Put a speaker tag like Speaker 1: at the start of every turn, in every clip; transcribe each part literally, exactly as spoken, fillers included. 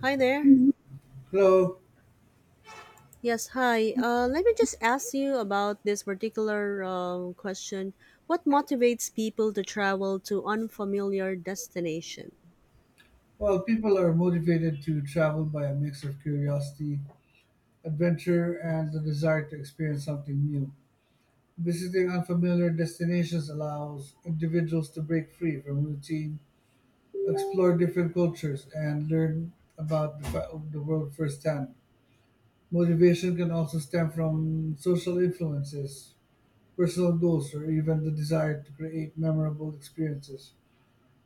Speaker 1: Hi there.
Speaker 2: Hello.
Speaker 1: Yes, hi. Uh, let me just ask you about this particular um, question. What motivates people to travel to unfamiliar destination?
Speaker 2: Well, people are motivated to travel by a mix of curiosity, adventure, and the desire to experience something new. Visiting unfamiliar destinations allows individuals to break free from routine, explore different cultures, and learn about the, fa- the world firsthand. Motivation can also stem from social influences, personal goals, or even the desire to create memorable experiences.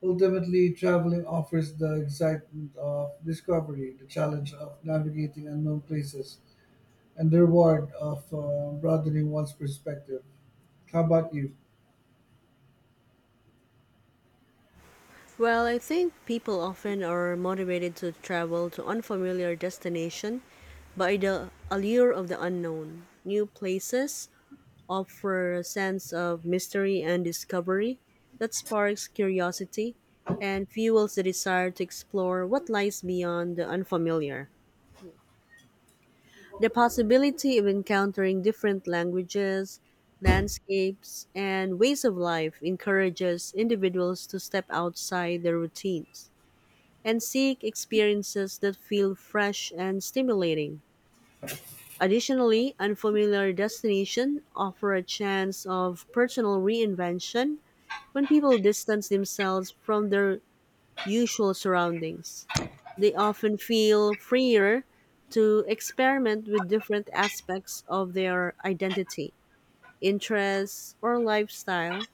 Speaker 2: Ultimately, traveling offers the excitement of discovery, the challenge of navigating unknown places, and the reward of uh, broadening one's perspective. How about you?
Speaker 1: Well, I think people often are motivated to travel to unfamiliar destination by the allure of the unknown. New places offer a sense of mystery and discovery that sparks curiosity and fuels the desire to explore what lies beyond the unfamiliar. The possibility of encountering different languages, landscapes, and ways of life encourages individuals to step outside their routines and seek experiences that feel fresh and stimulating. Additionally, unfamiliar destinations offer a chance of personal reinvention when people distance themselves from their usual surroundings. They often feel freer to experiment with different aspects of their identity, interests, or lifestyle.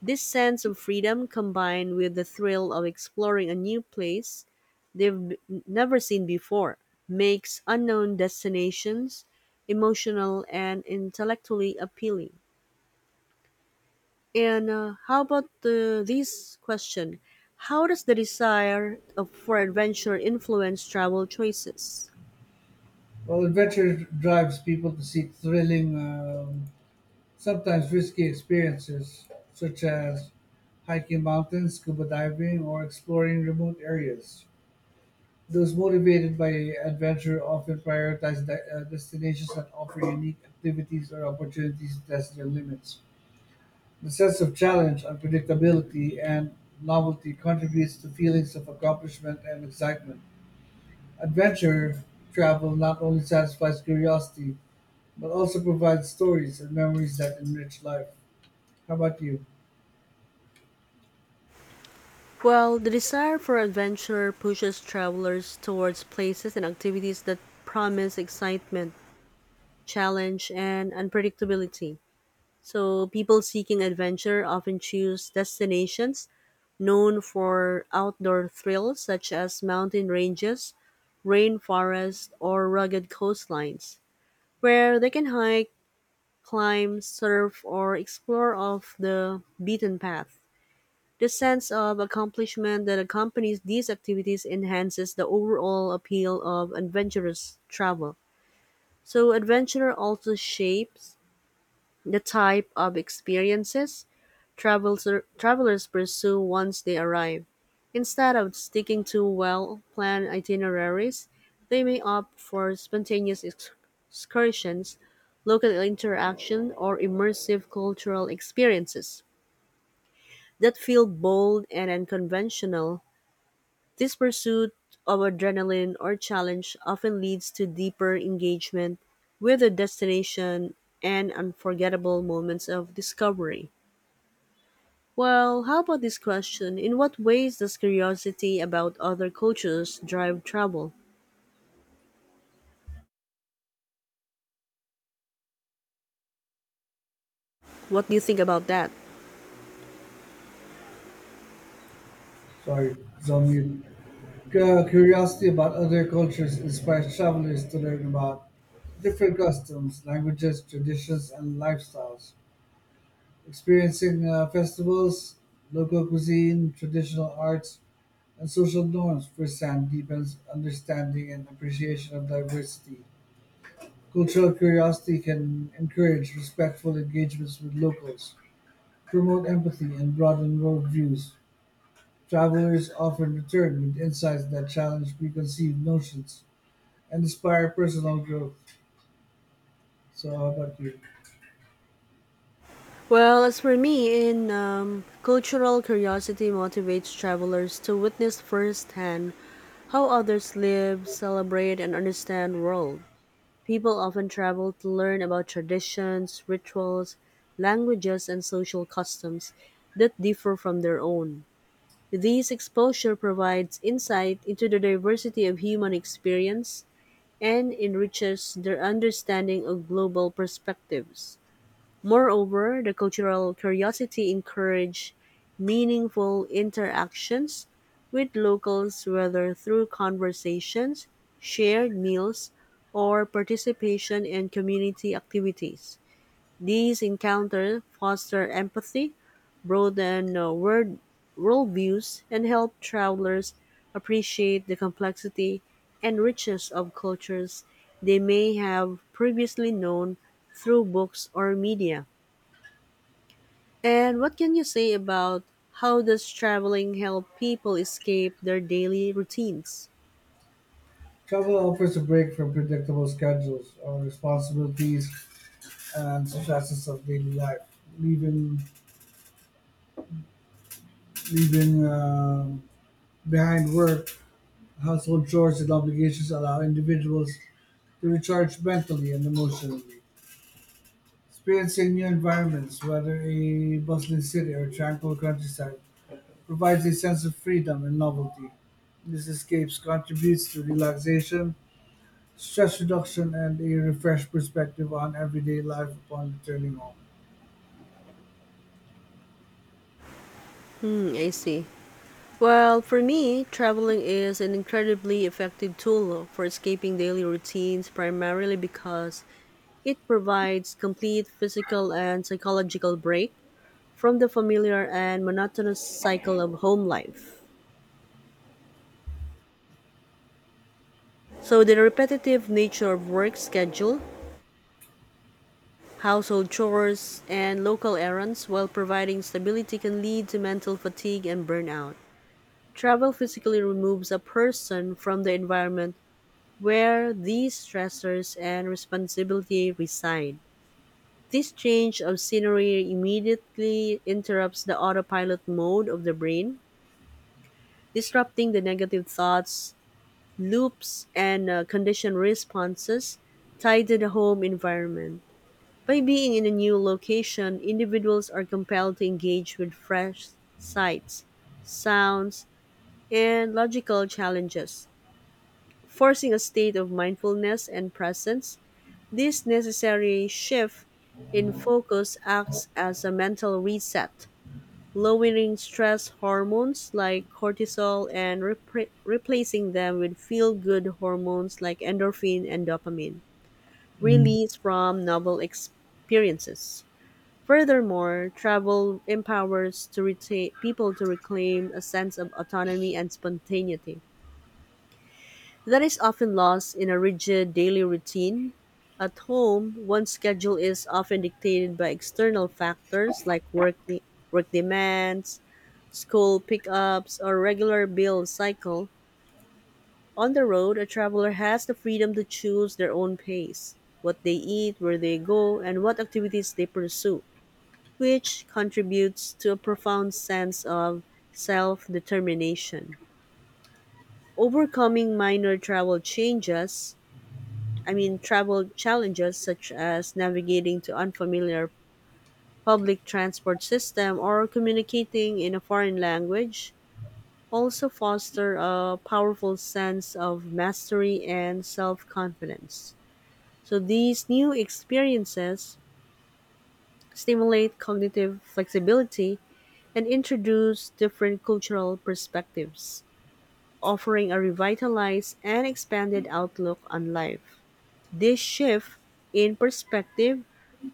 Speaker 1: This sense of freedom combined with the thrill of exploring a new place they've b- never seen before makes unknown destinations emotional and intellectually appealing. And uh, how about the this question? How does the desire of, for adventure influence travel choices?
Speaker 2: Well, adventure drives people to seek thrilling, um, sometimes risky experiences, such as hiking mountains, scuba diving, or exploring remote areas. Those motivated by adventure often prioritize de- uh, destinations that offer unique activities or opportunities to test their limits. The sense of challenge, unpredictability, and novelty contributes to feelings of accomplishment and excitement. Adventure travel not only satisfies curiosity, but also provides stories and memories that enrich life. How about you?
Speaker 1: Well, the desire for adventure pushes travelers towards places and activities that promise excitement, challenge, and unpredictability. So, people seeking adventure often choose destinations known for outdoor thrills such as mountain ranges, rainforests, or rugged coastlines, where they can hike, climb, surf, or explore off the beaten path. The sense of accomplishment that accompanies these activities enhances the overall appeal of adventurous travel. So, adventure also shapes the type of experiences traveler, travelers pursue once they arrive. Instead of sticking to well planned itineraries, they may opt for spontaneous ex- excursions, local interaction, or immersive cultural experiences that feel bold and unconventional. This pursuit of adrenaline or challenge often leads to deeper engagement with the destination and unforgettable moments of discovery. Well, how about this question? In what ways does curiosity about other cultures drive travel? What do you think about that?
Speaker 2: Sorry, it's on mute. Cu- Curiosity about other cultures inspires travelers to learn about different customs, languages, traditions, and lifestyles. Experiencing uh, festivals, local cuisine, traditional arts, and social norms present deepens understanding and appreciation of diversity. Cultural curiosity can encourage respectful engagements with locals, promote empathy, and broaden worldviews. Travelers often return with insights that challenge preconceived notions and inspire personal growth. So, how about you?
Speaker 1: Well, as for me, in um, cultural curiosity motivates travelers to witness firsthand how others live, celebrate, and understand world. People often travel to learn about traditions, rituals, languages, and social customs that differ from their own. This exposure provides insight into the diversity of human experience and enriches their understanding of global perspectives. Moreover, the cultural curiosity encourage meaningful interactions with locals whether through conversations, shared meals, or participation in community activities. These encounters foster empathy, broaden uh, world worldviews, and help travelers appreciate the complexity and richness of cultures they may have previously known through books or media. And what can you say about how does traveling help people escape their daily routines?
Speaker 2: Travel offers a break from predictable schedules or responsibilities and stresses of daily life, leaving leaving um behind work, household chores, and obligations, allow individuals to recharge mentally and emotionally. Experiencing new environments, whether a bustling city or tranquil countryside, provides a sense of freedom and novelty. These escapes contributes to relaxation, stress reduction, and a refreshed perspective on everyday life upon returning home.
Speaker 1: Hmm, I see. Well, for me, traveling is an incredibly effective tool for escaping daily routines primarily because it provides complete physical and psychological break from the familiar and monotonous cycle of home life. So the repetitive nature of work schedule, household chores, and local errands while providing stability can lead to mental fatigue and burnout. Travel physically removes a person from the environment where these stressors and responsibility reside. This change of scenery immediately interrupts the autopilot mode of the brain, disrupting the negative thoughts, loops, and uh, conditioned responses tied to the home environment. By being in a new location, individuals are compelled to engage with fresh sights, sounds, and logical challenges, forcing a state of mindfulness and presence. This necessary shift in focus acts as a mental reset lowering stress hormones like cortisol and repra replacing them with feel good hormones like endorphin and dopamine,
Speaker 2: Mm.
Speaker 1: released from novel experiences. Furthermore, travel empowers to retain people to reclaim a sense of autonomy and spontaneity that is often lost in a rigid daily routine. At home, one's schedule is often dictated by external factors like working, work demands, school pickups, or regular bill cycle. On the road, a traveler has the freedom to choose their own pace, what they eat, where they go, and what activities they pursue, which contributes to a profound sense of self determination. Overcoming minor travel changes, I mean, travel challenges such as navigating to unfamiliar public transport system or communicating in a foreign language also foster a powerful sense of mastery and self-confidence. So these new experiences stimulate cognitive flexibility and introduce different cultural perspectives, offering a revitalized and expanded outlook on life. This shift in perspective,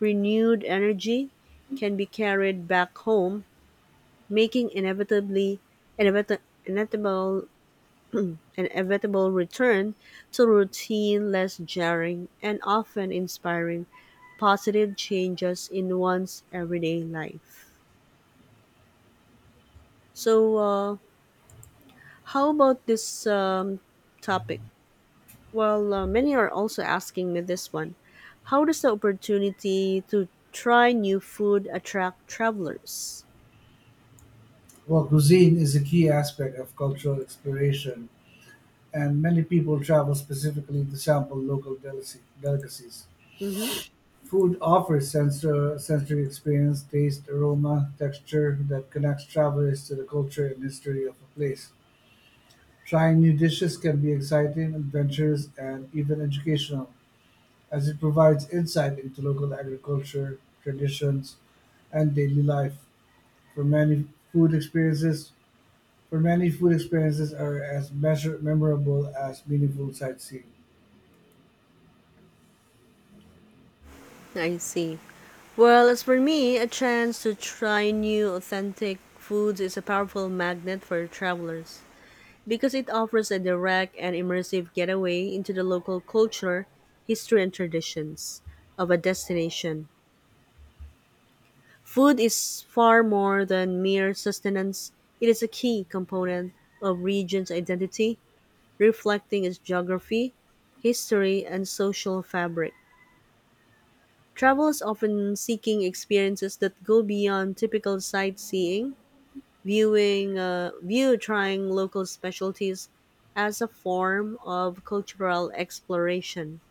Speaker 1: renewed energy can be carried back home, making inevitably inevita- inevitable inevitable return to routine, less jarring, and often inspiring positive changes in one's everyday life. So, uh, how about this um, topic? Well, uh, many are also asking me this one. How does the opportunity to try new food attract travelers?
Speaker 2: Well, cuisine is a key aspect of cultural exploration, and many people travel specifically to sample local delicacy- delicacies.
Speaker 1: Mm-hmm.
Speaker 2: Food offers sensor, sensory experience, taste, aroma, texture that connects travelers to the culture and history of a place. Trying new dishes can be exciting, adventurous, and even educational, as it provides insight into local agriculture, traditions, and daily life. For many food experiences, for many food experiences are as measure, memorable as meaningful sightseeing.
Speaker 1: I see. Well, as for me, a chance to try new authentic foods is a powerful magnet for travelers, because it offers a direct and immersive getaway into the local culture, history, and traditions of a destination. Food is far more than mere sustenance, it is a key component of region's identity, reflecting its geography, history, and social fabric. Travellers often seeking experiences that go beyond typical sightseeing viewing uh, view trying local specialties as a form of cultural exploration.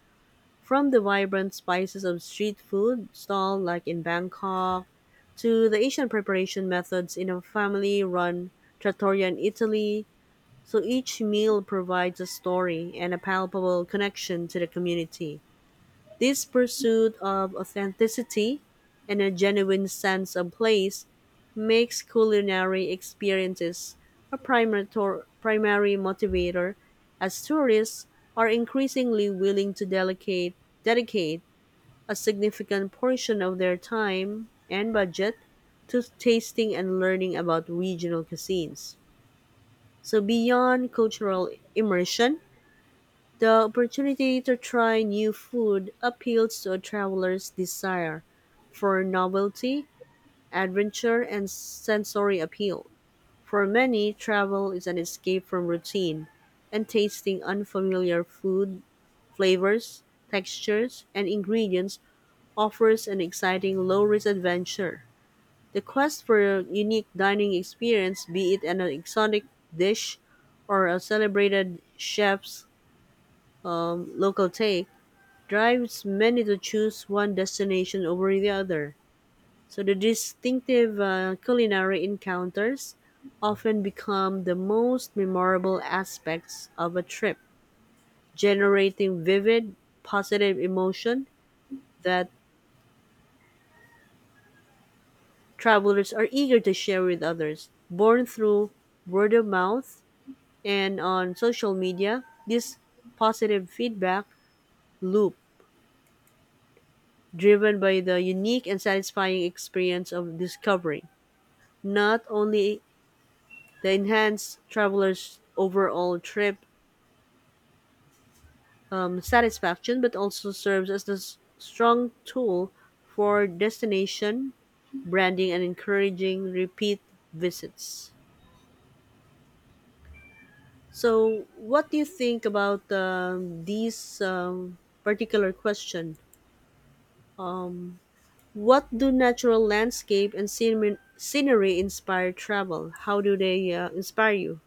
Speaker 1: From the vibrant spices of street food stall like in Bangkok to the Asian preparation methods in a family-run trattoria in Italy, so each meal provides a story and a palpable connection to the community. This pursuit of authenticity and a genuine sense of place makes culinary experiences a primary, tor- primary motivator as tourists are increasingly willing to delegate, dedicate a significant portion of their time and budget to tasting and learning about regional cuisines. So beyond cultural immersion, the opportunity to try new food appeals to a traveler's desire for novelty, adventure, and sensory appeal. For many, travel is an escape from routine, and tasting unfamiliar food, flavors, textures, and ingredients offers an exciting low risk adventure. The quest for a unique dining experience, be it an exotic dish or a celebrated chef's um, local take, drives many to choose one destination over the other. So the distinctive uh, culinary encounters often become the most memorable aspects of a trip, generating vivid, positive emotion that travelers are eager to share with others. Born through word of mouth and on social media, this positive feedback loop driven by the unique and satisfying experience of discovery not only They enhance travelers' overall trip um, satisfaction, but also serves as a s- strong tool for destination branding and encouraging repeat visits. So, what do you think about um, these um, particular question? Um, what do natural landscape and scenery scenery inspire travel? How do they uh, inspire you?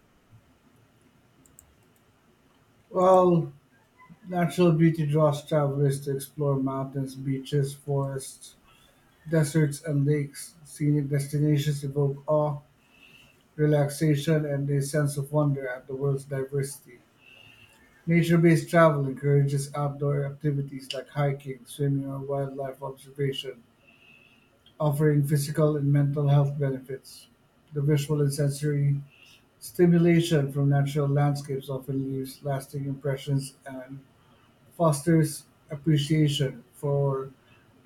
Speaker 2: Well, natural beauty draws travelers to explore mountains, beaches, forests, deserts, and lakes. Scenic destinations evoke awe, relaxation, and a sense of wonder at the world's diversity. Nature-based travel encourages outdoor activities like hiking, swimming, or wildlife observation, offering physical and mental health benefits. The visual and sensory stimulation from natural landscapes often leaves lasting impressions and fosters appreciation for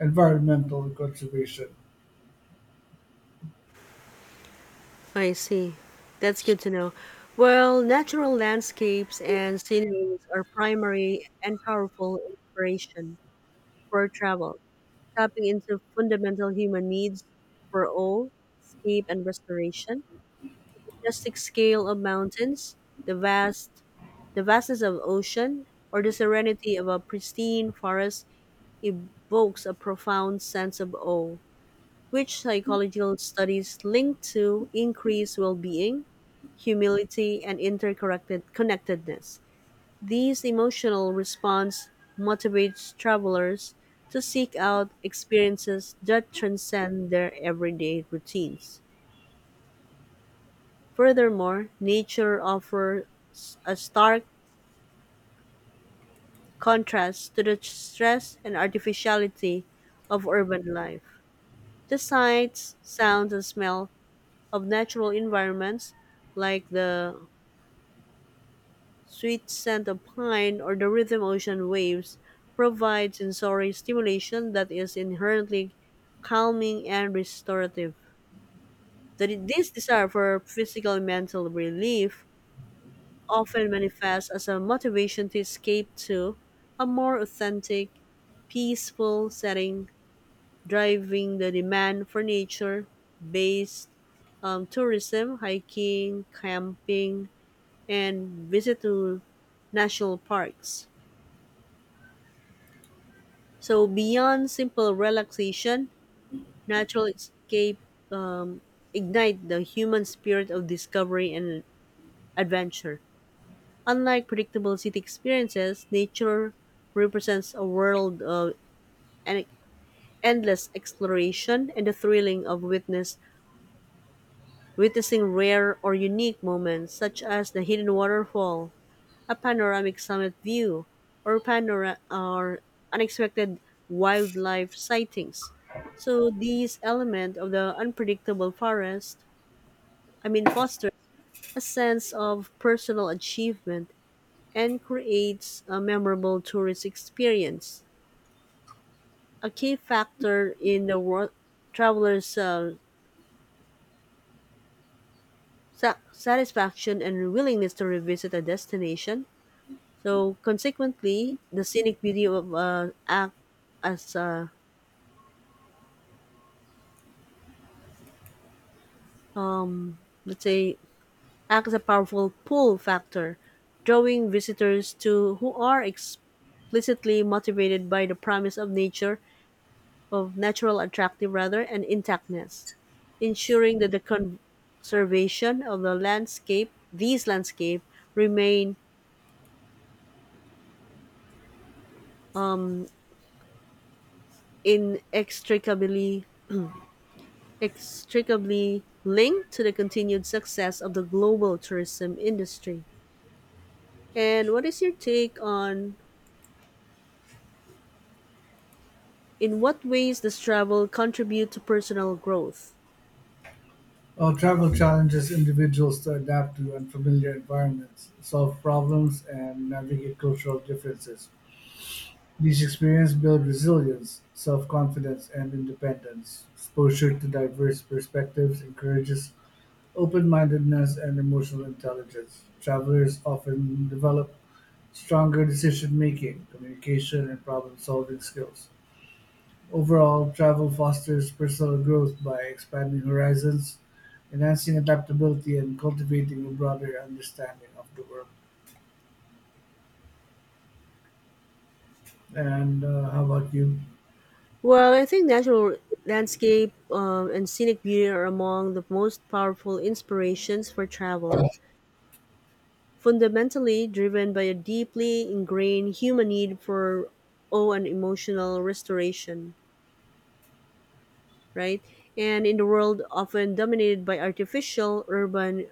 Speaker 2: environmental conservation.
Speaker 1: I see. That's good to know. Well, natural landscapes and sceneries are primary and powerful inspiration for travel, tapping into fundamental human needs for awe, escape, and restoration. Majestic scale of mountains, the vast, the vastness of ocean, or the serenity of a pristine forest evokes a profound sense of awe, which psychological studies link to increased well-being humility, and interconnected connectedness. These emotional response motivates travelers to seek out experiences that transcend their everyday routines. Furthermore, nature offers a stark contrast to the stress and artificiality of urban life. The sights, sounds, and smell of natural environments, like the sweet scent of pine, or the rhythm of ocean waves provide sensory stimulation that is inherently calming and restorative. The- This desire for physical and mental relief often manifests as a motivation to escape to a more authentic, peaceful setting, driving the demand for nature based um, tourism, hiking, camping, and visit to national parks. So beyond simple relaxation, natural escape ignite the human spirit of discovery and adventure. Unlike predictable city experiences, nature represents a world of en- endless exploration and the thrilling of witness witnessing rare or unique moments such as the hidden waterfall a panoramic summit view, or panora- or unexpected wildlife sightings. So these element of the unpredictable forest, I mean, fosters a sense of personal achievement and creates a memorable tourist experience. A key factor in the world traveler's uh, sa- satisfaction and willingness to revisit a destination. So, consequently, the scenic beauty of uh, act as uh, let's say act as a powerful pull factor, drawing visitors to who are explicitly motivated by the promise of nature of natural attractive rather and intactness, ensuring that the conservation of the landscape, these landscape remain inextricably extricably linked to the continued success of the global tourism industry. And what is your take on in what ways does travel contribute to personal growth?
Speaker 2: Uh, Travel challenges individuals to adapt to unfamiliar environments, solve problems, and navigate cultural differences. These experiences build resilience, self-confidence, and independence. Exposure to diverse perspectives encourages open-mindedness and emotional intelligence. Travelers often develop stronger decision-making, communication, and problem-solving skills. Overall, travel fosters personal growth by expanding horizons, enhancing adaptability, and cultivating a broader understanding of the world. And uh, how about you?
Speaker 1: Well, I think natural landscape um, and scenic beauty are among the most powerful inspirations for travel, fundamentally driven by a deeply ingrained human need for awe and emotional restoration, right? And in the world often dominated by artificial urban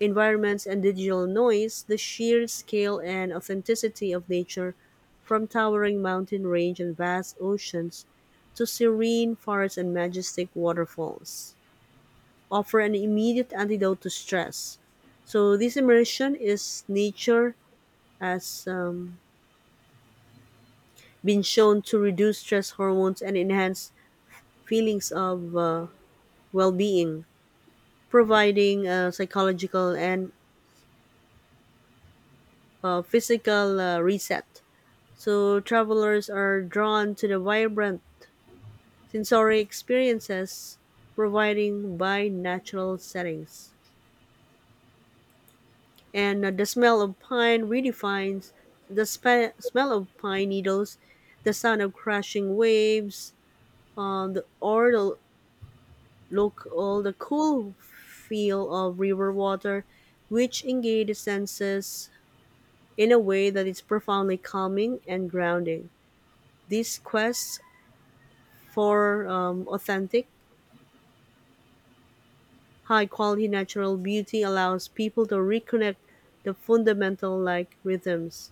Speaker 1: environments and digital noise, the sheer scale and authenticity of nature, from towering mountain range and vast oceans to serene forests and majestic waterfalls, offer an immediate antidote to stress. So this immersion is nature has um, been shown to reduce stress hormones and enhance feelings of uh, well-being, providing a psychological and uh, physical uh, reset. So travelers are drawn to the vibrant sensory experiences provided by natural settings. And uh, The smell of pine redefines the spe- smell of pine needles, the sound of crashing waves, um, the, or the look all the cool feel of river water, which engage the senses in a way that is profoundly calming and grounding. These quests for um, authentic high quality natural beauty allows people to reconnect the fundamental like rhythms.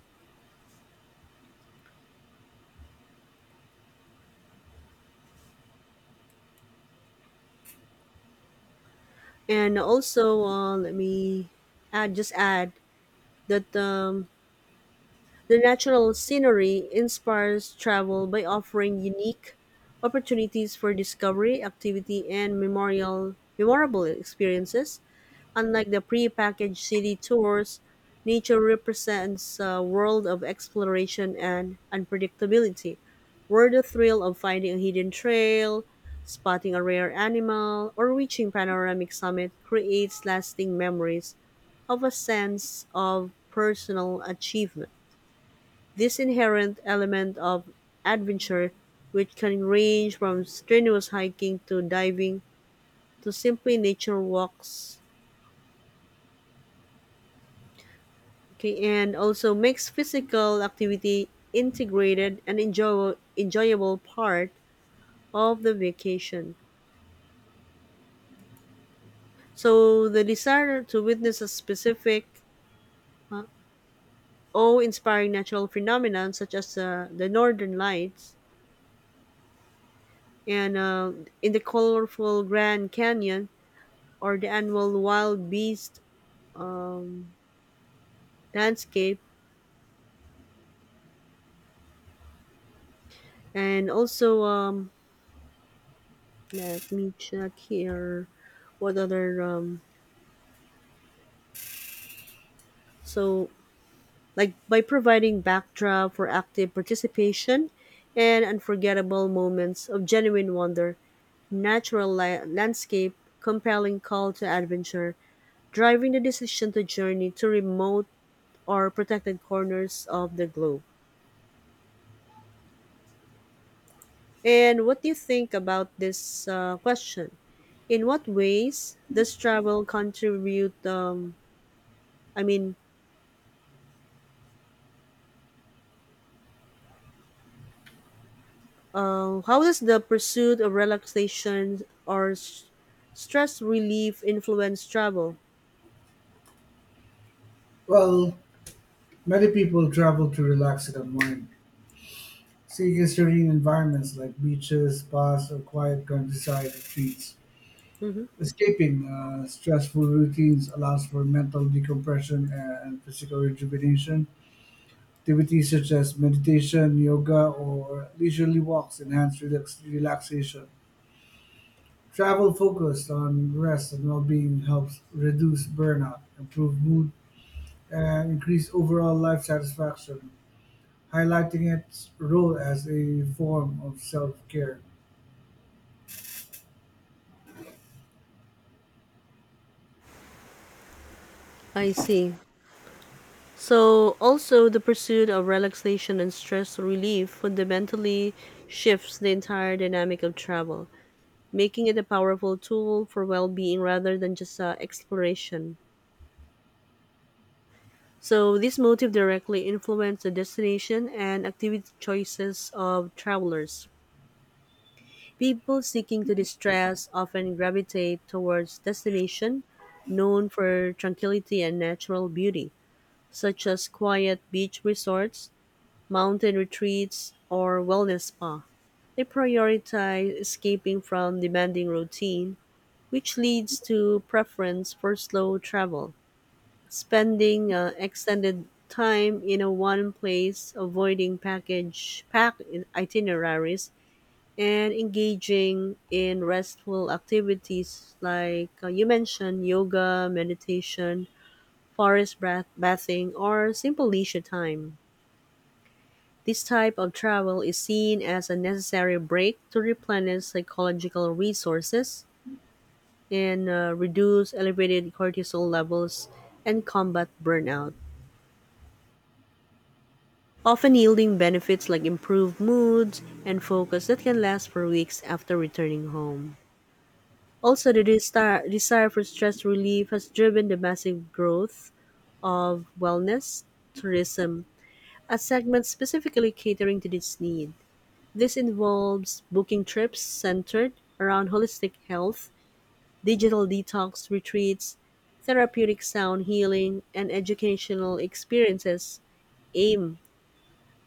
Speaker 1: And also, uh, let me add, just add that um, the natural scenery inspires travel by offering unique opportunities for discovery, activity, and memorial memorable experiences. Unlike the pre-packaged city tours, nature represents a world of exploration and unpredictability, where the thrill of finding a hidden trail, spotting a rare animal, or reaching panoramic summit creates lasting memories of a sense of personal achievement. This inherent element of adventure, which can range from strenuous hiking to diving to simply nature walks, okay, and also makes physical activity integrated and enjoy- enjoyable part of the vacation. So the desire to witness a specific uh, awe inspiring natural phenomenon such as uh, the northern lights and uh, in the colorful Grand Canyon or the annual wild beast um, landscape and also um, let me check here what other um, so like by providing backdrop for active participation and unforgettable moments of genuine wonder, natural li- landscape, compelling call to adventure, driving the decision to journey to remote or protected corners of the globe. And what do you think about this uh, question? In what ways does travel contribute? Um, I mean, uh, How does the pursuit of relaxation or s- stress relief influence travel?
Speaker 2: Well, many people travel to relax and unwind, seeking serene environments like beaches, spas, or quiet countryside retreats.
Speaker 1: Hmm.
Speaker 2: Escaping uh, stressful routines allows for mental decompression and physical rejuvenation. Activities such as meditation, yoga, or leisurely walks enhance relax- relaxation. Travel focused on rest and well being helps reduce burnout, improve mood, and increase overall life satisfaction, highlighting its role as a form of self care.
Speaker 1: I see. So, also, the pursuit of relaxation and stress relief fundamentally shifts the entire dynamic of travel, making it a powerful tool for well being rather than just uh, exploration. So, this motive directly influences the destination and activity choices of travelers. People seeking to distress often gravitate towards destination known for tranquility and natural beauty, such as quiet beach resorts mountain retreats, or wellness spa. They prioritize escaping from demanding routine, which leads to preference for slow travel, spending uh, extended time in a one place, avoiding package packed itineraries, and engaging in restful activities like uh, you mentioned yoga, meditation, forest bath- bathing, or simple leisure time. This type of travel is seen as a necessary break to replenish psychological resources and uh, reduce elevated cortisol levels and combat burnout, often yielding benefits like improved moods and focus that can last for weeks after returning home. Also, the destar- desire for stress relief has driven the massive growth of wellness tourism, a segment specifically catering to this need. This involves booking trips centered around holistic health, digital detox retreats, therapeutic sound healing, and educational experiences aimed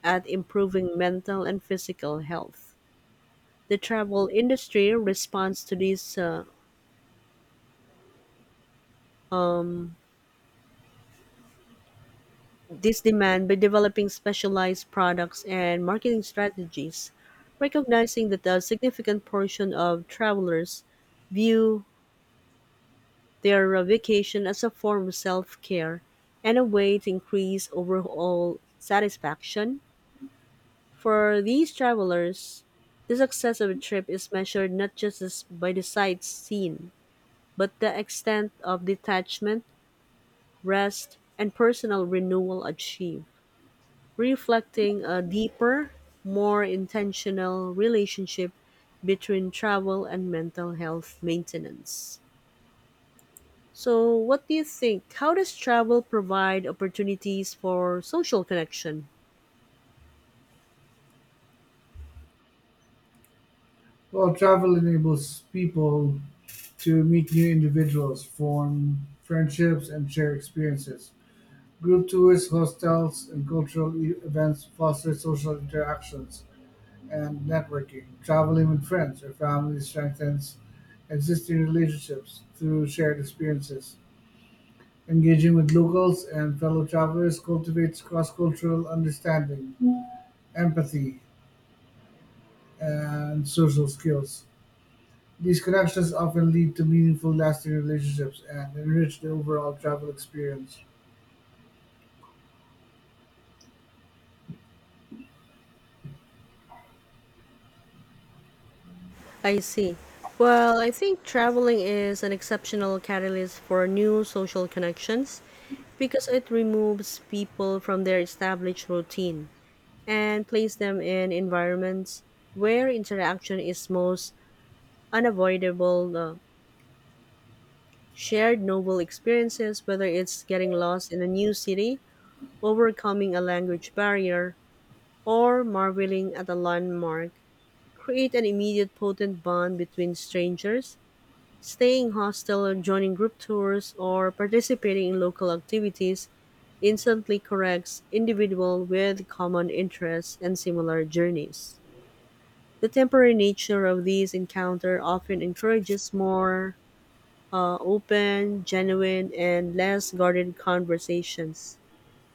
Speaker 1: at improving mental and physical health. The travel industry responds to this uh, um, this demand by developing specialized products and marketing strategies, recognizing that a significant portion of travelers view they are a vacation as a form of self-care and a way to increase overall satisfaction. For these travelers, the success of a trip is measured not just as by the sights seen, but the extent of detachment, rest, and personal renewal achieved, reflecting a deeper, more intentional relationship between travel and mental health maintenance. So, what do you think? How does travel provide opportunities for social connection?
Speaker 2: Well, travel enables people to meet new individuals, form friendships, and share experiences. Group tours, hostels, and cultural e- events foster social interactions and networking. Traveling with friends or family strengthens existing relationships through shared experiences. Engaging with locals and fellow travelers cultivates cross cultural understanding, empathy, and social skills. These connections often lead to meaningful, lasting relationships and enrich the overall travel experience.
Speaker 1: I see. Well, I think traveling is an exceptional catalyst for new social connections because it removes people from their established routine and places them in environments where interaction is most unavoidable. Uh, shared novel experiences, whether it's getting lost in a new city, overcoming a language barrier, or marveling at a landmark create an immediate potent bond between strangers. Staying hostel, joining group tours, or participating in local activities instantly connects individual with common interests and similar journeys. The temporary nature of these encounter often encourages more uh, open, genuine, and less guarded conversations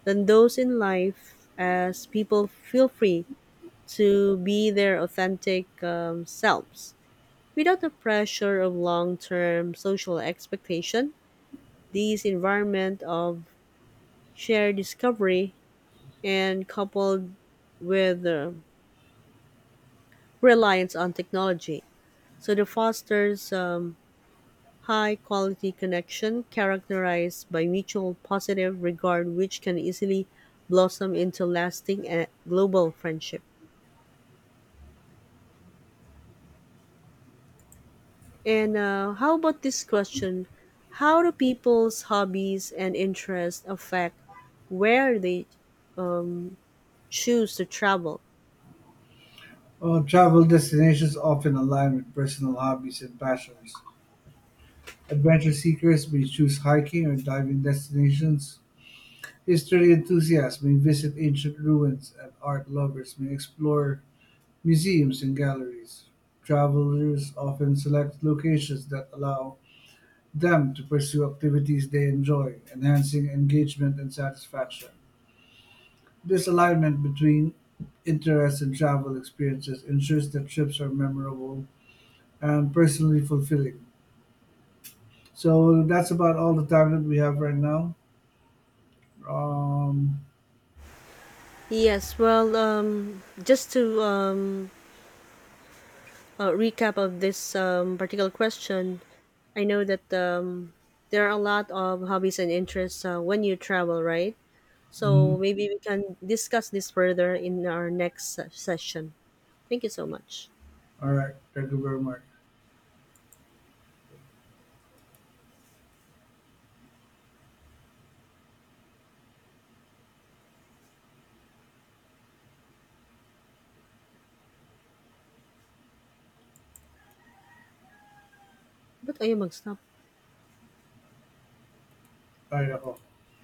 Speaker 1: than those in life, as people feel free to be their authentic um, selves. Without the pressure of long term social expectation, this environment of shared discovery and coupled with uh, reliance on technology. So the fosters um, high quality connection characterized by mutual positive regard, which can easily blossom into lasting and global friendship. And uh, how about this question? How do people's hobbies and interests affect where they um, choose to travel?
Speaker 2: While travel destinations often align with personal hobbies and passions, adventure seekers may choose hiking or diving destinations. History enthusiasts may visit ancient ruins, and art lovers may explore museums and galleries. Travelers often select locations that allow them to pursue activities they enjoy, enhancing engagement and satisfaction. This alignment between interests and travel experiences ensures that trips are memorable and personally fulfilling. So that's about all the time that we have right now. Um,
Speaker 1: Yes, well, um, just to um, uh, recap of this um, particular question, I know that um, there are a lot of hobbies and interests uh, when you travel, right?
Speaker 2: mhm.
Speaker 1: So maybe we can discuss this further in our next se- session. Thank you so much.
Speaker 2: All right. Thank you very much.
Speaker 1: Ba't ayaw mag-stop?
Speaker 2: Bye, ako.